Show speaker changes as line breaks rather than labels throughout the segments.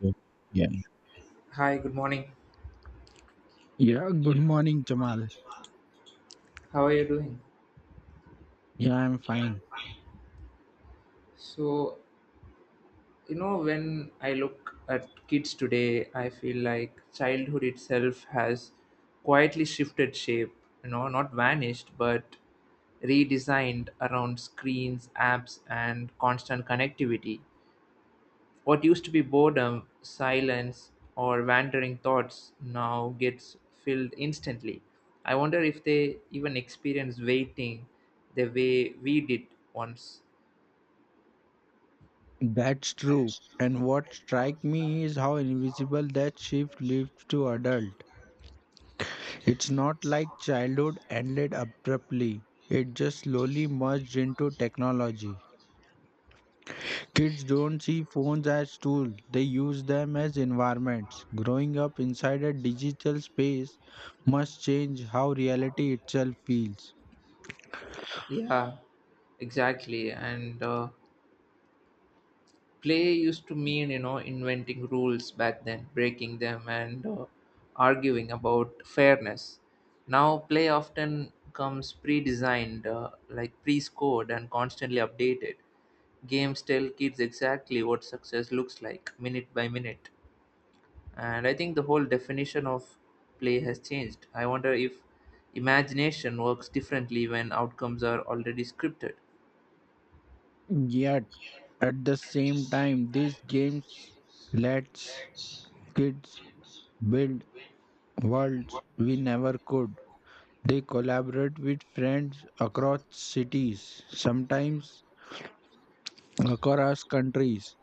Good. Yeah.
Hi, good morning.
Yeah. Good morning, Jamal.
How are you doing?
Yeah, I'm fine.
So, when I look at kids today, I feel like childhood itself has quietly shifted shape, not vanished, but redesigned around screens, apps, and constant connectivity. What used to be boredom, silence, or wandering thoughts now gets filled instantly. I wonder if they even experience waiting the way we did once.
That's true. And what strike me is how invisible that shift leaves to adult. It's not like childhood ended abruptly. It just slowly merged into technology. Kids don't see phones as tools, they use them as environments. Growing up inside a digital space must change how reality itself feels.
Yeah, exactly. And play used to mean, inventing rules back then, breaking them, and arguing about fairness. Now, play often comes pre designed, like pre scored, and constantly updated. Games tell kids exactly what success looks like, minute by minute. And I think the whole definition of play has changed. I wonder if imagination works differently when outcomes are already scripted.
Yet at the same time, these games lets kids build worlds we never could. They collaborate with friends across cities, sometimes across countries.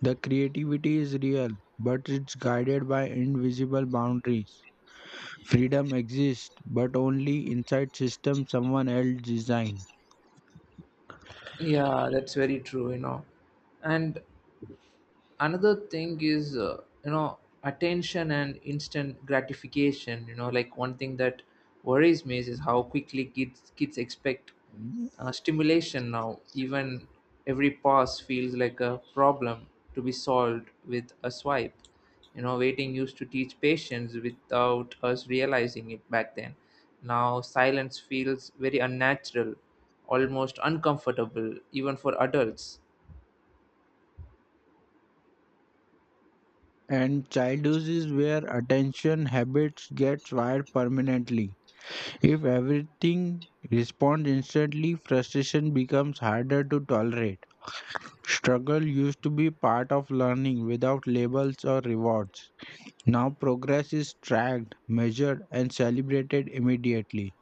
The creativity is real, but it's guided by invisible boundaries. Freedom exists, but only inside systems someone else designed.
Yeah, that's very true, you know. And another thing is attention and instant gratification. Like, one thing that worries me is how quickly kids expect stimulation now. Even every pause feels like a problem to be solved with a swipe. You know, waiting used to teach patience without us realizing it back then. Now silence feels very unnatural, almost uncomfortable even for adults.
And childhood is where attention habits get wired permanently. If everything responds instantly, frustration becomes harder to tolerate. Struggle used to be part of learning without labels or rewards. Now progress is tracked, measured, and celebrated immediately.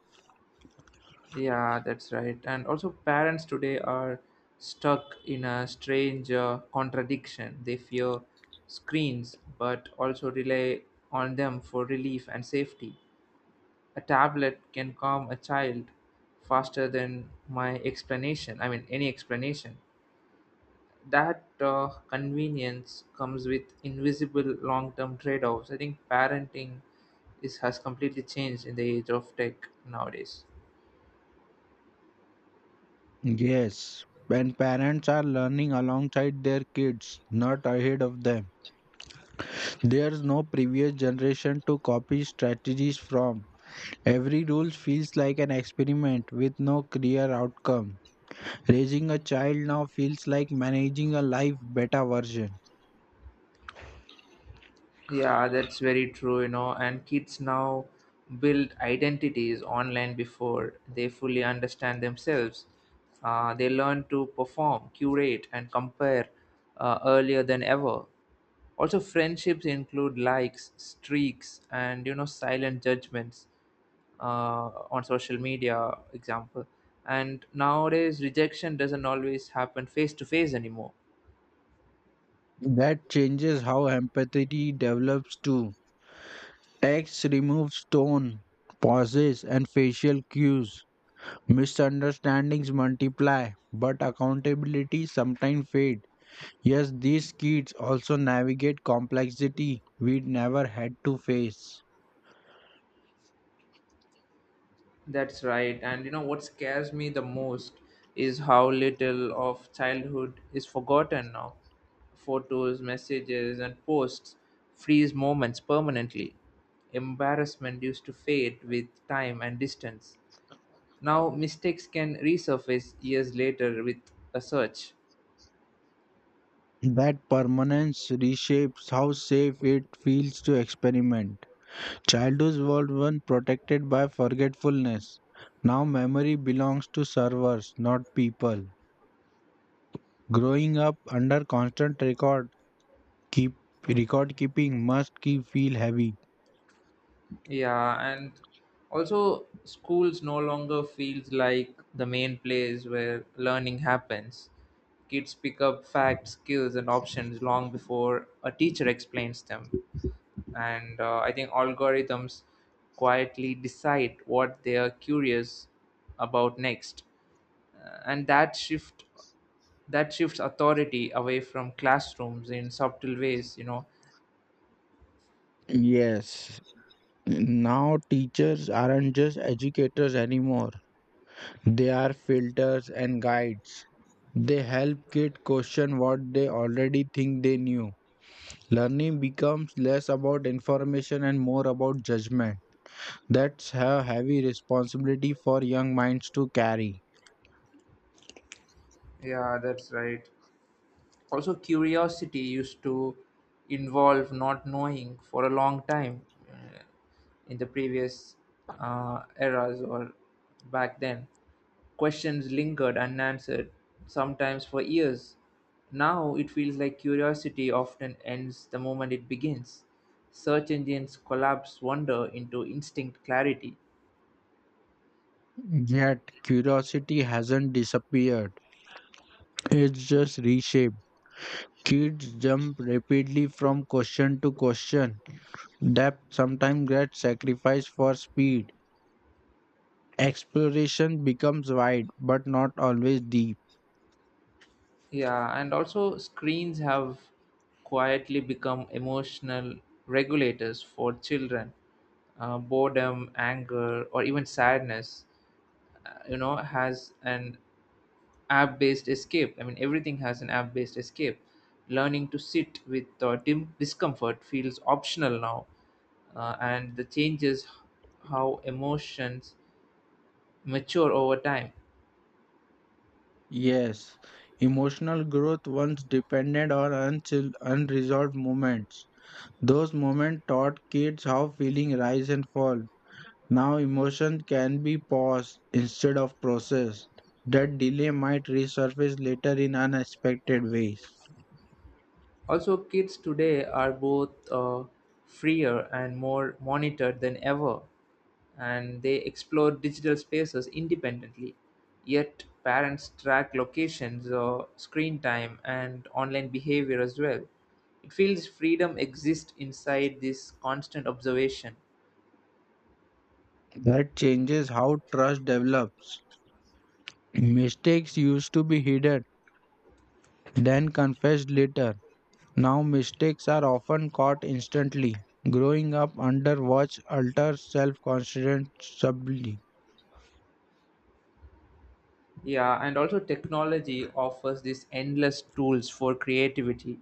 Yeah, that's right. And also, parents today are stuck in a strange contradiction. They fear screens but also rely on them for relief and safety. A tablet can calm a child faster than my explanation, I mean, any explanation. That convenience comes with invisible long term trade offs. I think parenting has completely changed in the age of tech nowadays.
Yes, when parents are learning alongside their kids, not ahead of them. There's no previous generation to copy strategies from. Every rule feels like an experiment with no clear outcome. Raising a child now feels like managing a life beta version.
Yeah, that's very true, you know. And kids now build identities online before they fully understand themselves. They learn to perform, curate, and compare earlier than ever. Also, friendships include likes, streaks, and, you know, silent judgments on social media, example. And nowadays, rejection doesn't always happen face to face anymore.
That changes how empathy develops too. Text removes tone, pauses, and facial cues. Misunderstandings multiply, but accountability sometimes fade. Yes, these kids also navigate complexity we never had to face.
That's right. And you know what scares me the most is how little of childhood is forgotten now. Photos, messages, and posts freeze moments permanently. Embarrassment used to fade with time and distance. Now mistakes can resurface years later with a search.
That permanence reshapes how safe it feels to experiment. Childhood was one protected by forgetfulness. Now memory belongs to servers, not people. Growing up under constant record keep record keeping must keep feel heavy.
Yeah, and also schools no longer feels like the main place where learning happens. Kids pick up facts, skills, and options long before a teacher explains them. And I think algorithms quietly decide what they are curious about next. And that shift that shifts authority away from classrooms in subtle ways, you know.
Yes, now teachers aren't just educators anymore. They are filters and guides. They help kids question what they already think they knew. Learning becomes less about information and more about judgment. That's a heavy responsibility for young minds to carry.
Yeah, that's right. Also, curiosity used to involve not knowing for a long time, uh, in the previous eras, or back then. Questions lingered unanswered sometimes for years. Now it feels like curiosity often ends the moment it begins. Search engines collapse wonder into instinct clarity.
Yet, curiosity hasn't disappeared, it's just reshaped. Kids jump rapidly from question to question. Depth sometimes gets sacrificed for speed. Exploration becomes wide, but not always deep.
Yeah, and also screens have quietly become emotional regulators for children. Boredom, anger, or even sadness, you know, has an app based escape. I mean, everything has an app based escape. Learning to sit with discomfort feels optional now, and the changes how emotions mature over time.
Yes, emotional growth once depended on unresolved moments. Those moments taught kids how feelings rise and fall. Now emotion can be paused instead of processed. That delay might resurface later in unexpected ways.
Also, kids today are both freer and more monitored than ever, and they explore digital spaces independently. Yet, parents track locations, screen time, and online behavior as well. It feels freedom exists inside this constant observation.
That changes how trust develops. Mistakes used to be hidden, then confessed later. Now mistakes are often caught instantly. Growing up under watch alters self confidence subtly.
Yeah, and also technology offers these endless tools for creativity,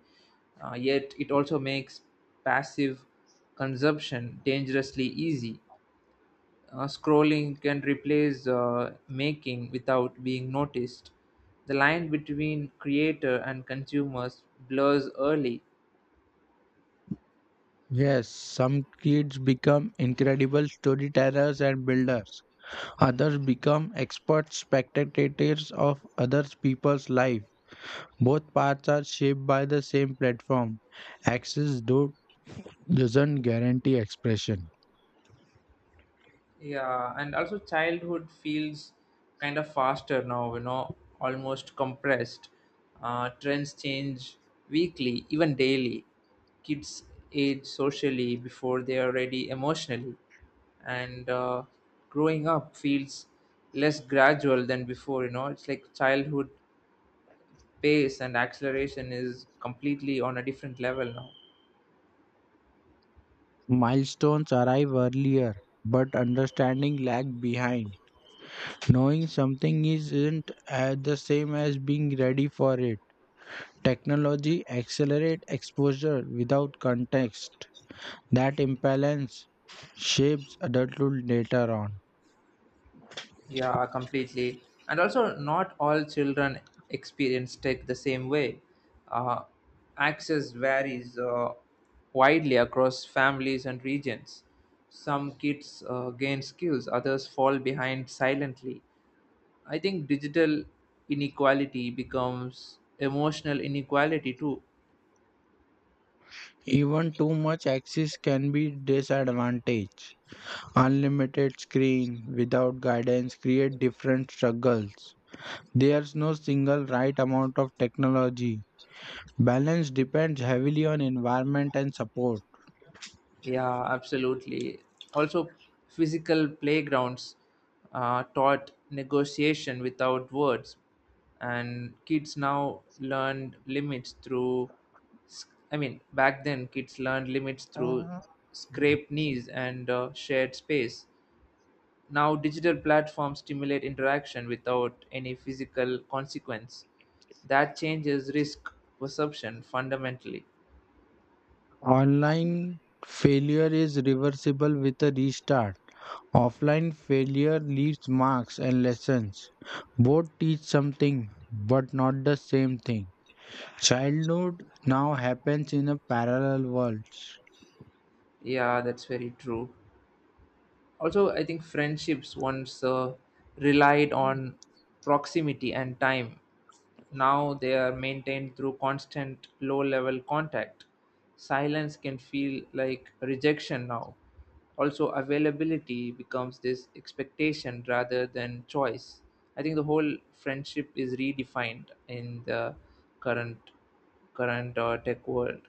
yet it also makes passive consumption dangerously easy. Scrolling can replace making without being noticed. The line between creator and consumers blurs early.
Yes, some kids become incredible storytellers and builders. Others become expert spectators of other people's life. Both paths are shaped by the same platform. Access though doesn't guarantee expression.
Yeah, and also childhood feels kind of faster now, you know, almost compressed. Trends change weekly, even daily. Kids age socially before they are ready emotionally, and growing up feels less gradual than before. You know, it's like childhood pace and acceleration is completely on a different level now.
Milestones arrive earlier, but understanding lag behind. Knowing something isn't the same as being ready for it. Technology accelerates exposure without context. That imbalance shapes adulthood later on.
Yeah, completely. And also, not all children experience tech the same way. Uh, access varies widely across families and regions. Some kids gain skills, others fall behind silently. I think digital inequality becomes emotional inequality too.
Even too much access can be disadvantage. Unlimited screen without guidance create different struggles. There's no single right amount of technology. Balance depends heavily on environment and support.
Yeah, absolutely. Also, physical playgrounds taught negotiation without words, and kids now learned limits through. S- I mean, back then kids learned limits through
Uh,
scraped knees and shared space. Now, digital platforms stimulate interaction without any physical consequence. That changes risk perception fundamentally.
Online failure is reversible with a restart. Offline failure leaves marks and lessons. Both teach something, but not the same thing. Childhood now happens in a parallel world.
Yeah, that's very true. Also, I think friendships once relied on proximity and time. Now they are maintained through constant low level contact. Silence can feel like rejection now. Also, availability becomes this expectation rather than choice. I think the whole friendship is redefined in the current current tech world.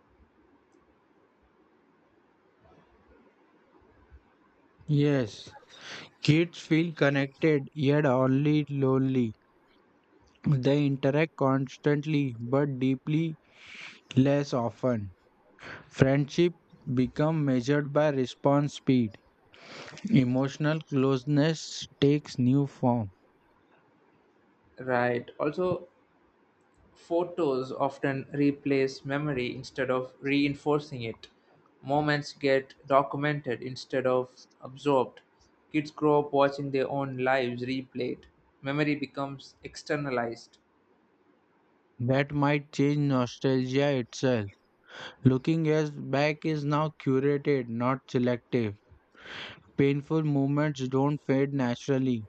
Yes, kids feel connected yet only lonely. They interact constantly but deeply less often. Friendship become measured by response speed. Emotional closeness takes new form.
Right. Also, photos often replace memory instead of reinforcing it. Moments get documented instead of absorbed. Kids grow up watching their own lives replayed. Memory becomes externalized.
That might change nostalgia itself. Looking as back is now curated, not selective. Painful moments don't fade naturally.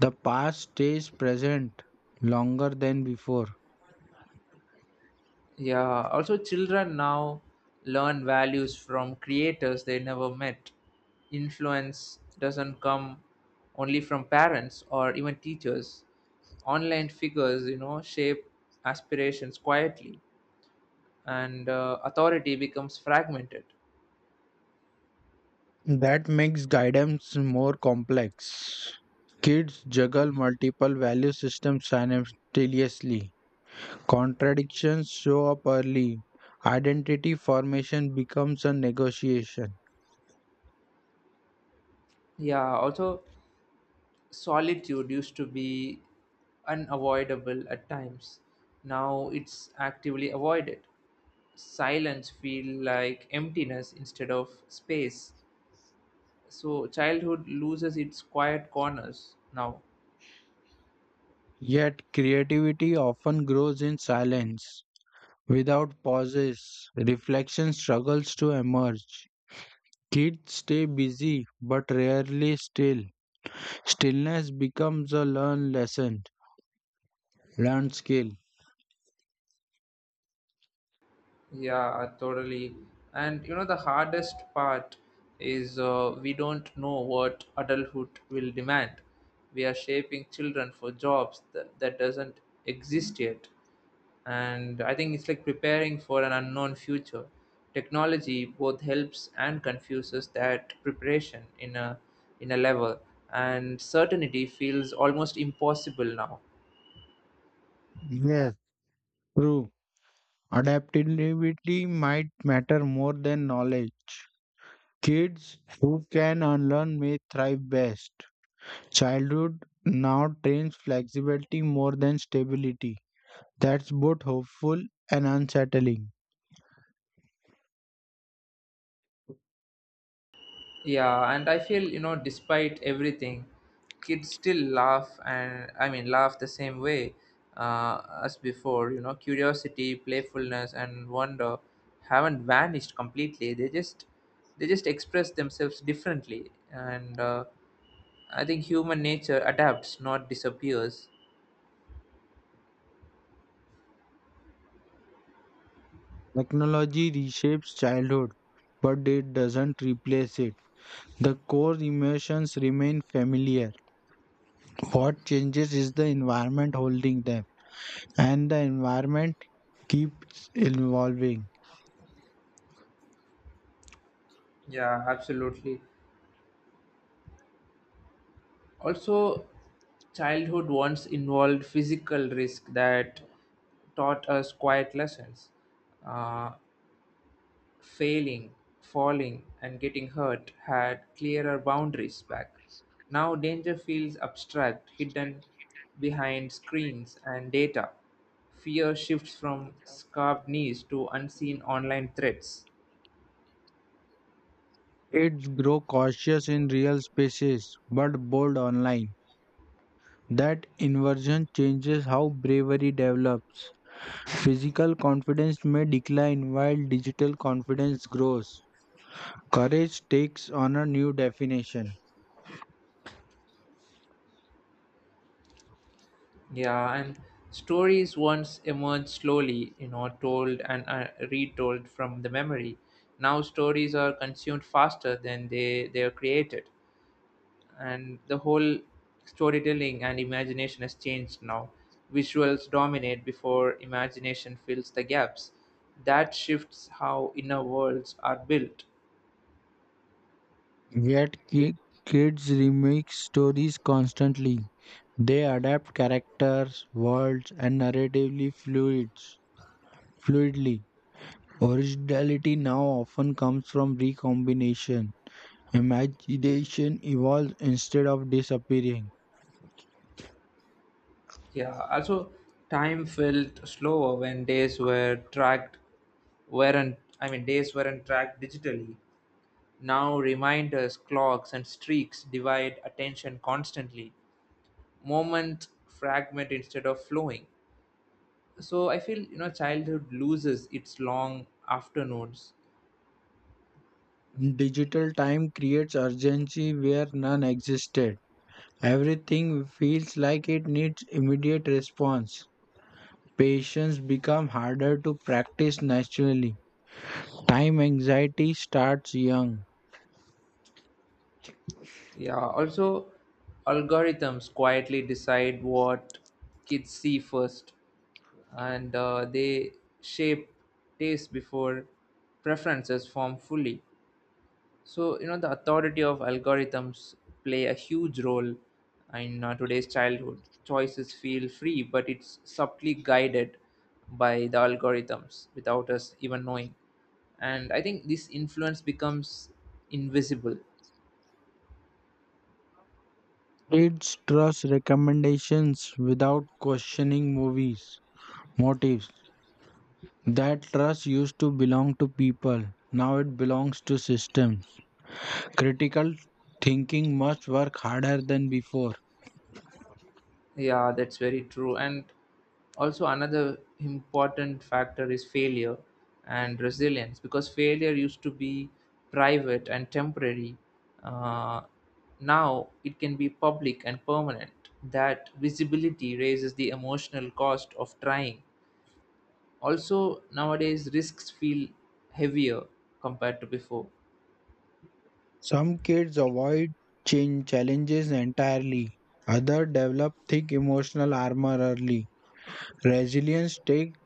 The past stays present longer than before.
Yeah, also, children now learn values from creators they never met. Influence doesn't come only from parents or even teachers. Online figures, you know, shape aspirations quietly. And authority becomes fragmented.
That makes guidance more complex. Kids juggle multiple value systems simultaneously. Contradictions show up early. Identity formation becomes a negotiation.
Yeah, also, solitude used to be unavoidable at times. Now it's actively avoided. Silence feel like emptiness instead of space. So childhood loses its quiet corners now.
Yet creativity often grows in silence. Without pauses, reflection struggles to emerge. Kids stay busy but rarely still. Stillness becomes a learned lesson, learned skill.
Yeah, totally. And you know, the hardest part is, we don't know what adulthood will demand. We are shaping children for jobs that doesn't exist yet. And I think it's like preparing for an unknown future. Technology both helps and confuses that preparation in a level, and certainty feels almost impossible now.
Yes, true. Adaptability might matter more than knowledge. Kids who can unlearn may thrive best. Childhood now trains flexibility more than stability. That's both hopeful and unsettling.
Yeah, and I feel, you know, despite everything, kids still laugh, and laugh the same way as before. You know, curiosity, playfulness, and wonder haven't vanished completely. They just express themselves differently, and I think human nature adapts, not disappears.
Technology reshapes childhood, but it doesn't replace it. The core emotions remain familiar. What changes is the environment holding them, and the environment keeps evolving.
Yeah, absolutely. Also, childhood once involved physical risk that taught us quiet lessons. Uh, Failing, falling, and getting hurt had clearer boundaries back. Now danger feels abstract, hidden behind screens and data. Fear shifts from scarred knees to unseen online threats.
It's grow cautious in real spaces but bold online. That inversion changes how bravery develops. Physical confidence may decline while digital confidence grows. Courage takes on a new definition.
Yeah, and stories once emerged slowly, you know, told and retold from the memory. Now stories are consumed faster than they are created. And the whole storytelling and imagination has changed now. Visuals dominate before imagination fills the gaps. That shifts how inner worlds are built.
Yet ki- Kids remake stories constantly. They adapt characters, worlds, and narratively fluids fluidly. Originality now often comes from recombination. Imagination evolves instead of disappearing.
Yeah, also, time felt slower when days weren't tracked digitally. Now reminders, clocks, and streaks divide attention constantly. Moments fragment instead of flowing. So I feel, you know, childhood loses its long afternoons.
Digital time creates urgency where none existed. Everything feels like it needs immediate response. Patience becomes harder to practice naturally. Time anxiety starts young.
Yeah, also, algorithms quietly decide what kids see first, and they shape taste before preferences form fully. So, you know, the authority of algorithms play a huge role in, today's childhood choices feel free but it's subtly guided by the algorithms without us even knowing. And I think this influence becomes invisible.
Kids trust recommendations without questioning movies' motives. That trust used to belong to people. Now it belongs to systems. Critical thinking must work harder than before.
Yeah, that's very true. And also, another important factor is failure and resilience, because failure used to be private and temporary. Uh, now it can be public and permanent. That visibility raises the emotional cost of trying. Also, nowadays, risks feel heavier compared to before.
Some kids avoid change challenges entirely. Others develop thick emotional armor early. Resilience takes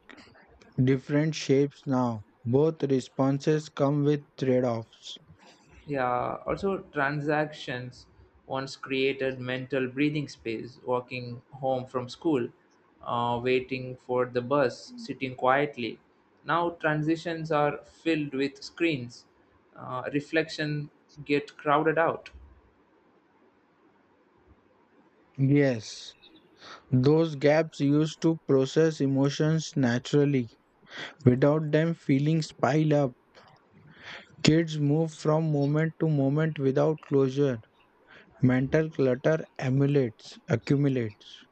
different shapes now. Both responses come with trade-offs.
Yeah, also, transactions once created mental breathing space: walking home from school, waiting for the bus, sitting quietly. Now transitions are filled with screens. Reflection get crowded out.
Yes, those gaps used to process emotions naturally. Without them, feelings pile up. Kids move from moment to moment without closure. Mental clutter accumulates.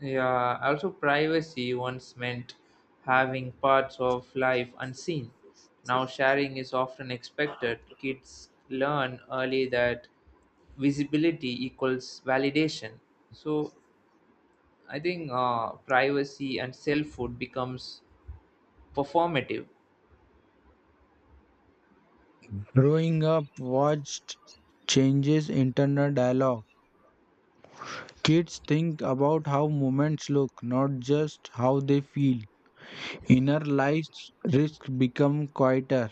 Yeah, also, privacy once meant having parts of life unseen. Now sharing is often expected. Kids learn early that visibility equals validation. So I think, privacy and selfhood becomes performative.
Growing up watched changes internal dialogue. Kids think about how moments look, not just how they feel. Inner lives risks become quieter.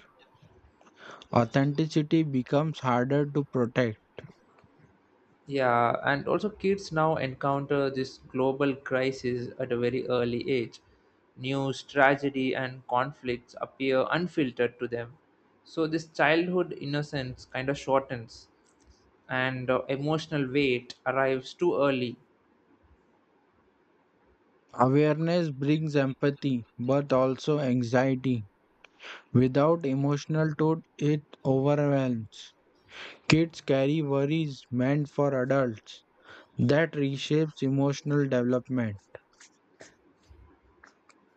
Authenticity becomes harder to protect.
Yeah, and also kids now encounter this global crisis at a very early age. News, tragedy, and conflicts appear unfiltered to them. So this childhood innocence kind of shortens, and emotional weight arrives too early.
Awareness brings empathy, but also anxiety. Without emotional toad, it overwhelms. Kids carry worries meant for adults that reshapes emotional development.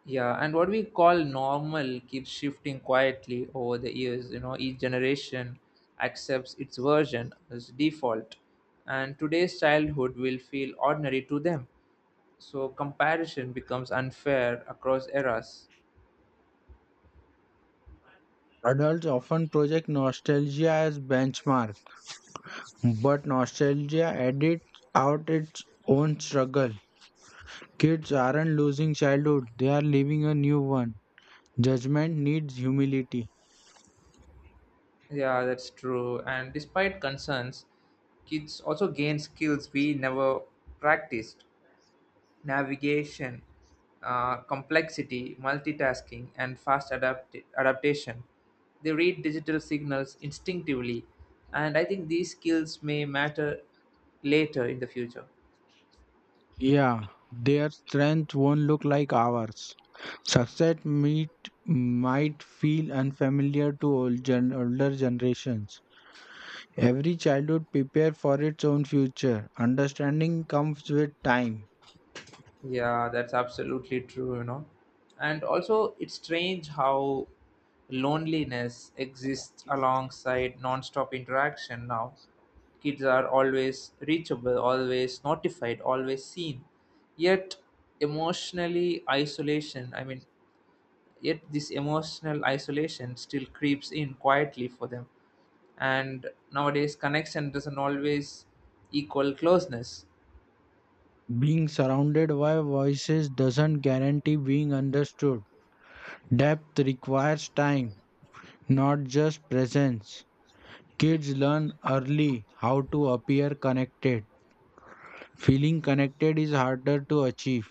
Yeah, and what we call normal keeps shifting quietly over the years. You know, each generation accepts its version as default, and today's childhood will feel ordinary to them. So comparison becomes unfair across eras.
Adults often project nostalgia as benchmark, but nostalgia edits out its own struggle. Kids aren't losing childhood, they are living a new one. Judgment needs humility.
Yeah, that's true. And despite concerns, kids also gain skills we never practiced: navigation, complexity, multitasking, and adaptation. They read digital signals instinctively, and I think these skills may matter later in the future.
Yeah, their strength won't look like ours. Success meet, might feel unfamiliar to older generations. Every childhood prepare for its own future. Understanding comes with time.
Yeah, that's absolutely true, you know. And also, it's strange how loneliness exists alongside non-stop interaction now. Kids are always reachable, always notified, always seen. Yet, emotionally isolation, I mean, yet this emotional isolation still creeps in quietly for them. And nowadays, connection doesn't always equal closeness.
Being surrounded by voices doesn't guarantee being understood. Depth requires time, not just presence. Kids learn early how to appear connected. Feeling connected is harder to achieve.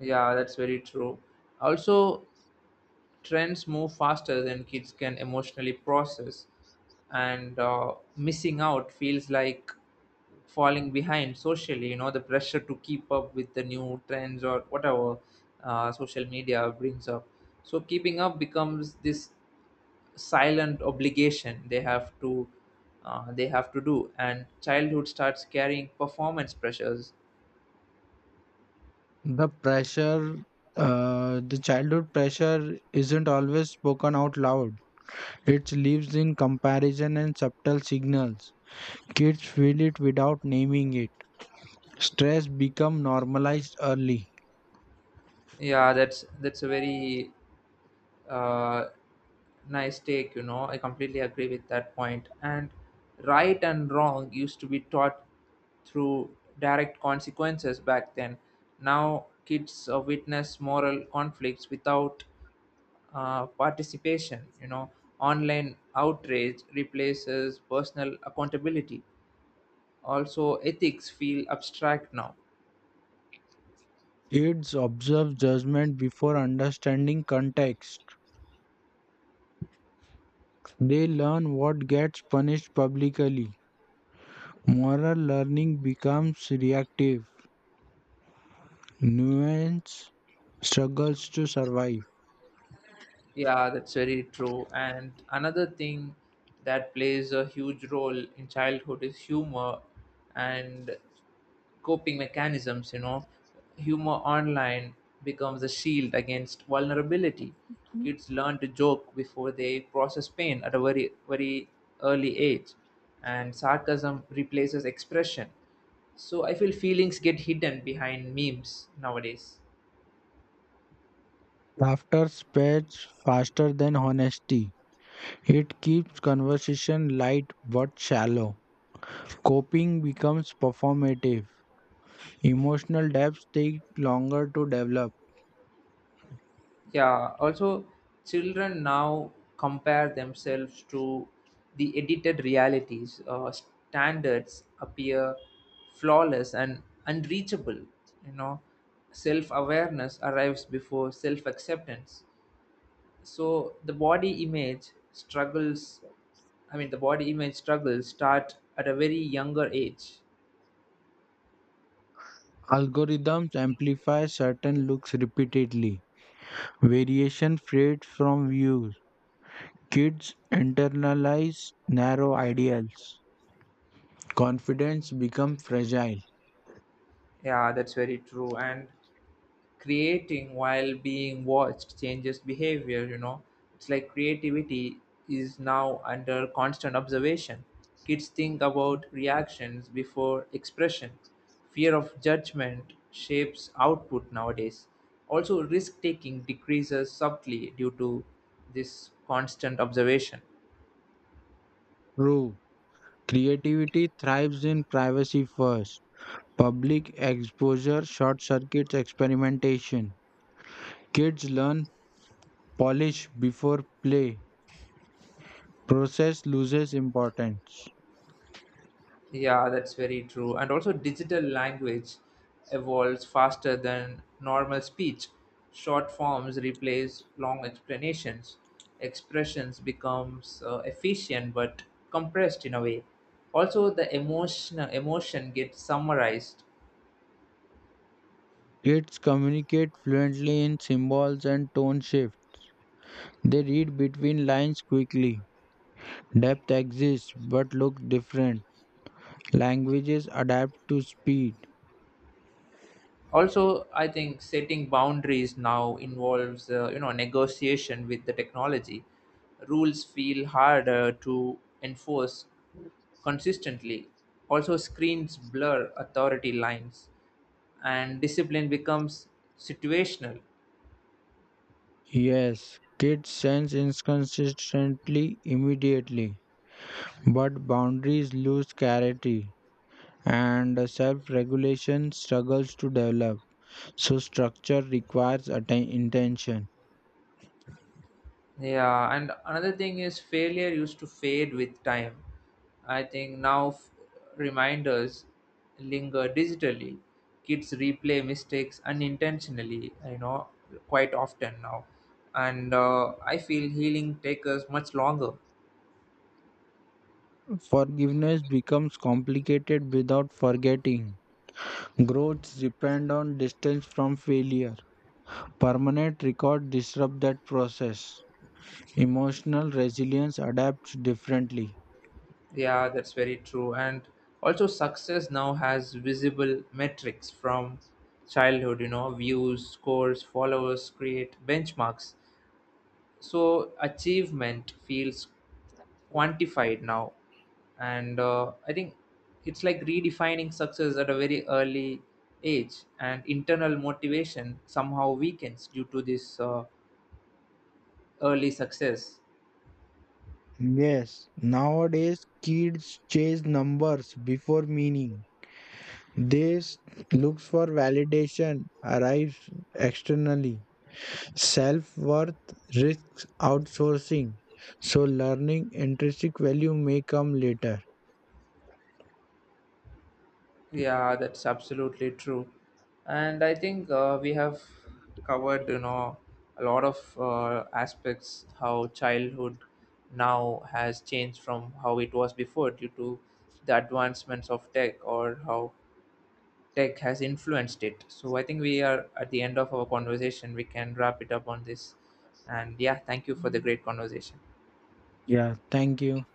Yeah, that's very true. Also, trends move faster than kids can emotionally process, and missing out feels like falling behind socially. You know, the pressure to keep up with the new trends or whatever social media brings up, so keeping up becomes this silent obligation they have to do. And childhood starts carrying performance pressures.
The pressure, the childhood pressure isn't always spoken out loud. It lives in comparison and subtle signals. Kids feel it without naming it. Stress become normalized early.
Yeah, that's a very uh, nice take, you know. I completely agree with that point. And right and wrong used to be taught through direct consequences back then. Now kids witness moral conflicts without participation. You know, online outrage replaces personal accountability. Also, ethics feel abstract now.
Kids observe judgment before understanding context. They learn what gets punished publicly. Moral learning becomes reactive. Nuance struggles to survive.
Yeah, that's very true. And another thing that plays a huge role in childhood is humor and coping mechanisms. You know, humor online becomes a shield against vulnerability. Kids learn to joke before they process pain at a very, very early age, and sarcasm replaces expression. So I feel feelings get hidden behind memes nowadays.
Laughter spreads faster than honesty. It keeps conversation light but shallow. Coping becomes performative. Emotional depths take longer to develop.
Yeah, also, children now compare themselves to the edited realities. Standards appear flawless and unreachable. You know, self-awareness arrives before self-acceptance. So the body image struggles start at a very younger age.
Algorithms amplify certain looks repeatedly. Variation fades from views. Kids internalize narrow ideals. Confidence becomes fragile.
Yeah, that's very true. And creating while being watched changes behavior. You know, it's like creativity is now under constant observation. Kids think about reactions before expression. Fear of judgment shapes output nowadays. Also, risk taking decreases subtly due to this constant observation.
True. Creativity thrives in privacy first. Public exposure short circuits experimentation. Kids learn polish before play. Process loses importance.
Yeah, that's very true. And also, digital language evolves faster than normal speech. Short forms replace long explanations. Expressions becomes efficient but compressed in a way. Also, the emotion gets summarized.
Kids communicate fluently in symbols and tone shift. They read between lines quickly. Depth exists but looks different. Languages adapt to speed.
Also, I think setting boundaries now involves, you know, negotiation with the technology. Rules feel harder to enforce consistently. Also, screens blur authority lines, and discipline becomes situational.
Yes, kids sense inconsistency immediately, but boundaries lose clarity and self regulation struggles to develop. So, structure requires intention.
Yeah, and another thing is failure used to fade with time. I think now reminders linger digitally. Kids replay mistakes unintentionally, you know, quite often now, and I feel healing takes us much longer.
Forgiveness becomes complicated without forgetting. Growths depend on distance from failure. Permanent record disrupt that process. Emotional resilience adapts differently.
Yeah, that's very true. And also, success now has visible metrics from childhood, you know. Views, scores, followers create benchmarks. So achievement feels quantified now. And I think it's like redefining success at a very early age, and internal motivation somehow weakens due to this, early success.
Yes, nowadays kids chase numbers before meaning. They s- Looks for validation arrives externally. Self-worth risks outsourcing. So learning intrinsic value may come later.
Yeah, that's absolutely true. And I think, we have covered, you know, a lot of aspects how childhood now has changed from how it was before due to the advancements of tech, or how tech has influenced it. So I think we are at the end of our conversation. We can wrap it up on this. And yeah, thank you for the great conversation.
Yeah, thank you.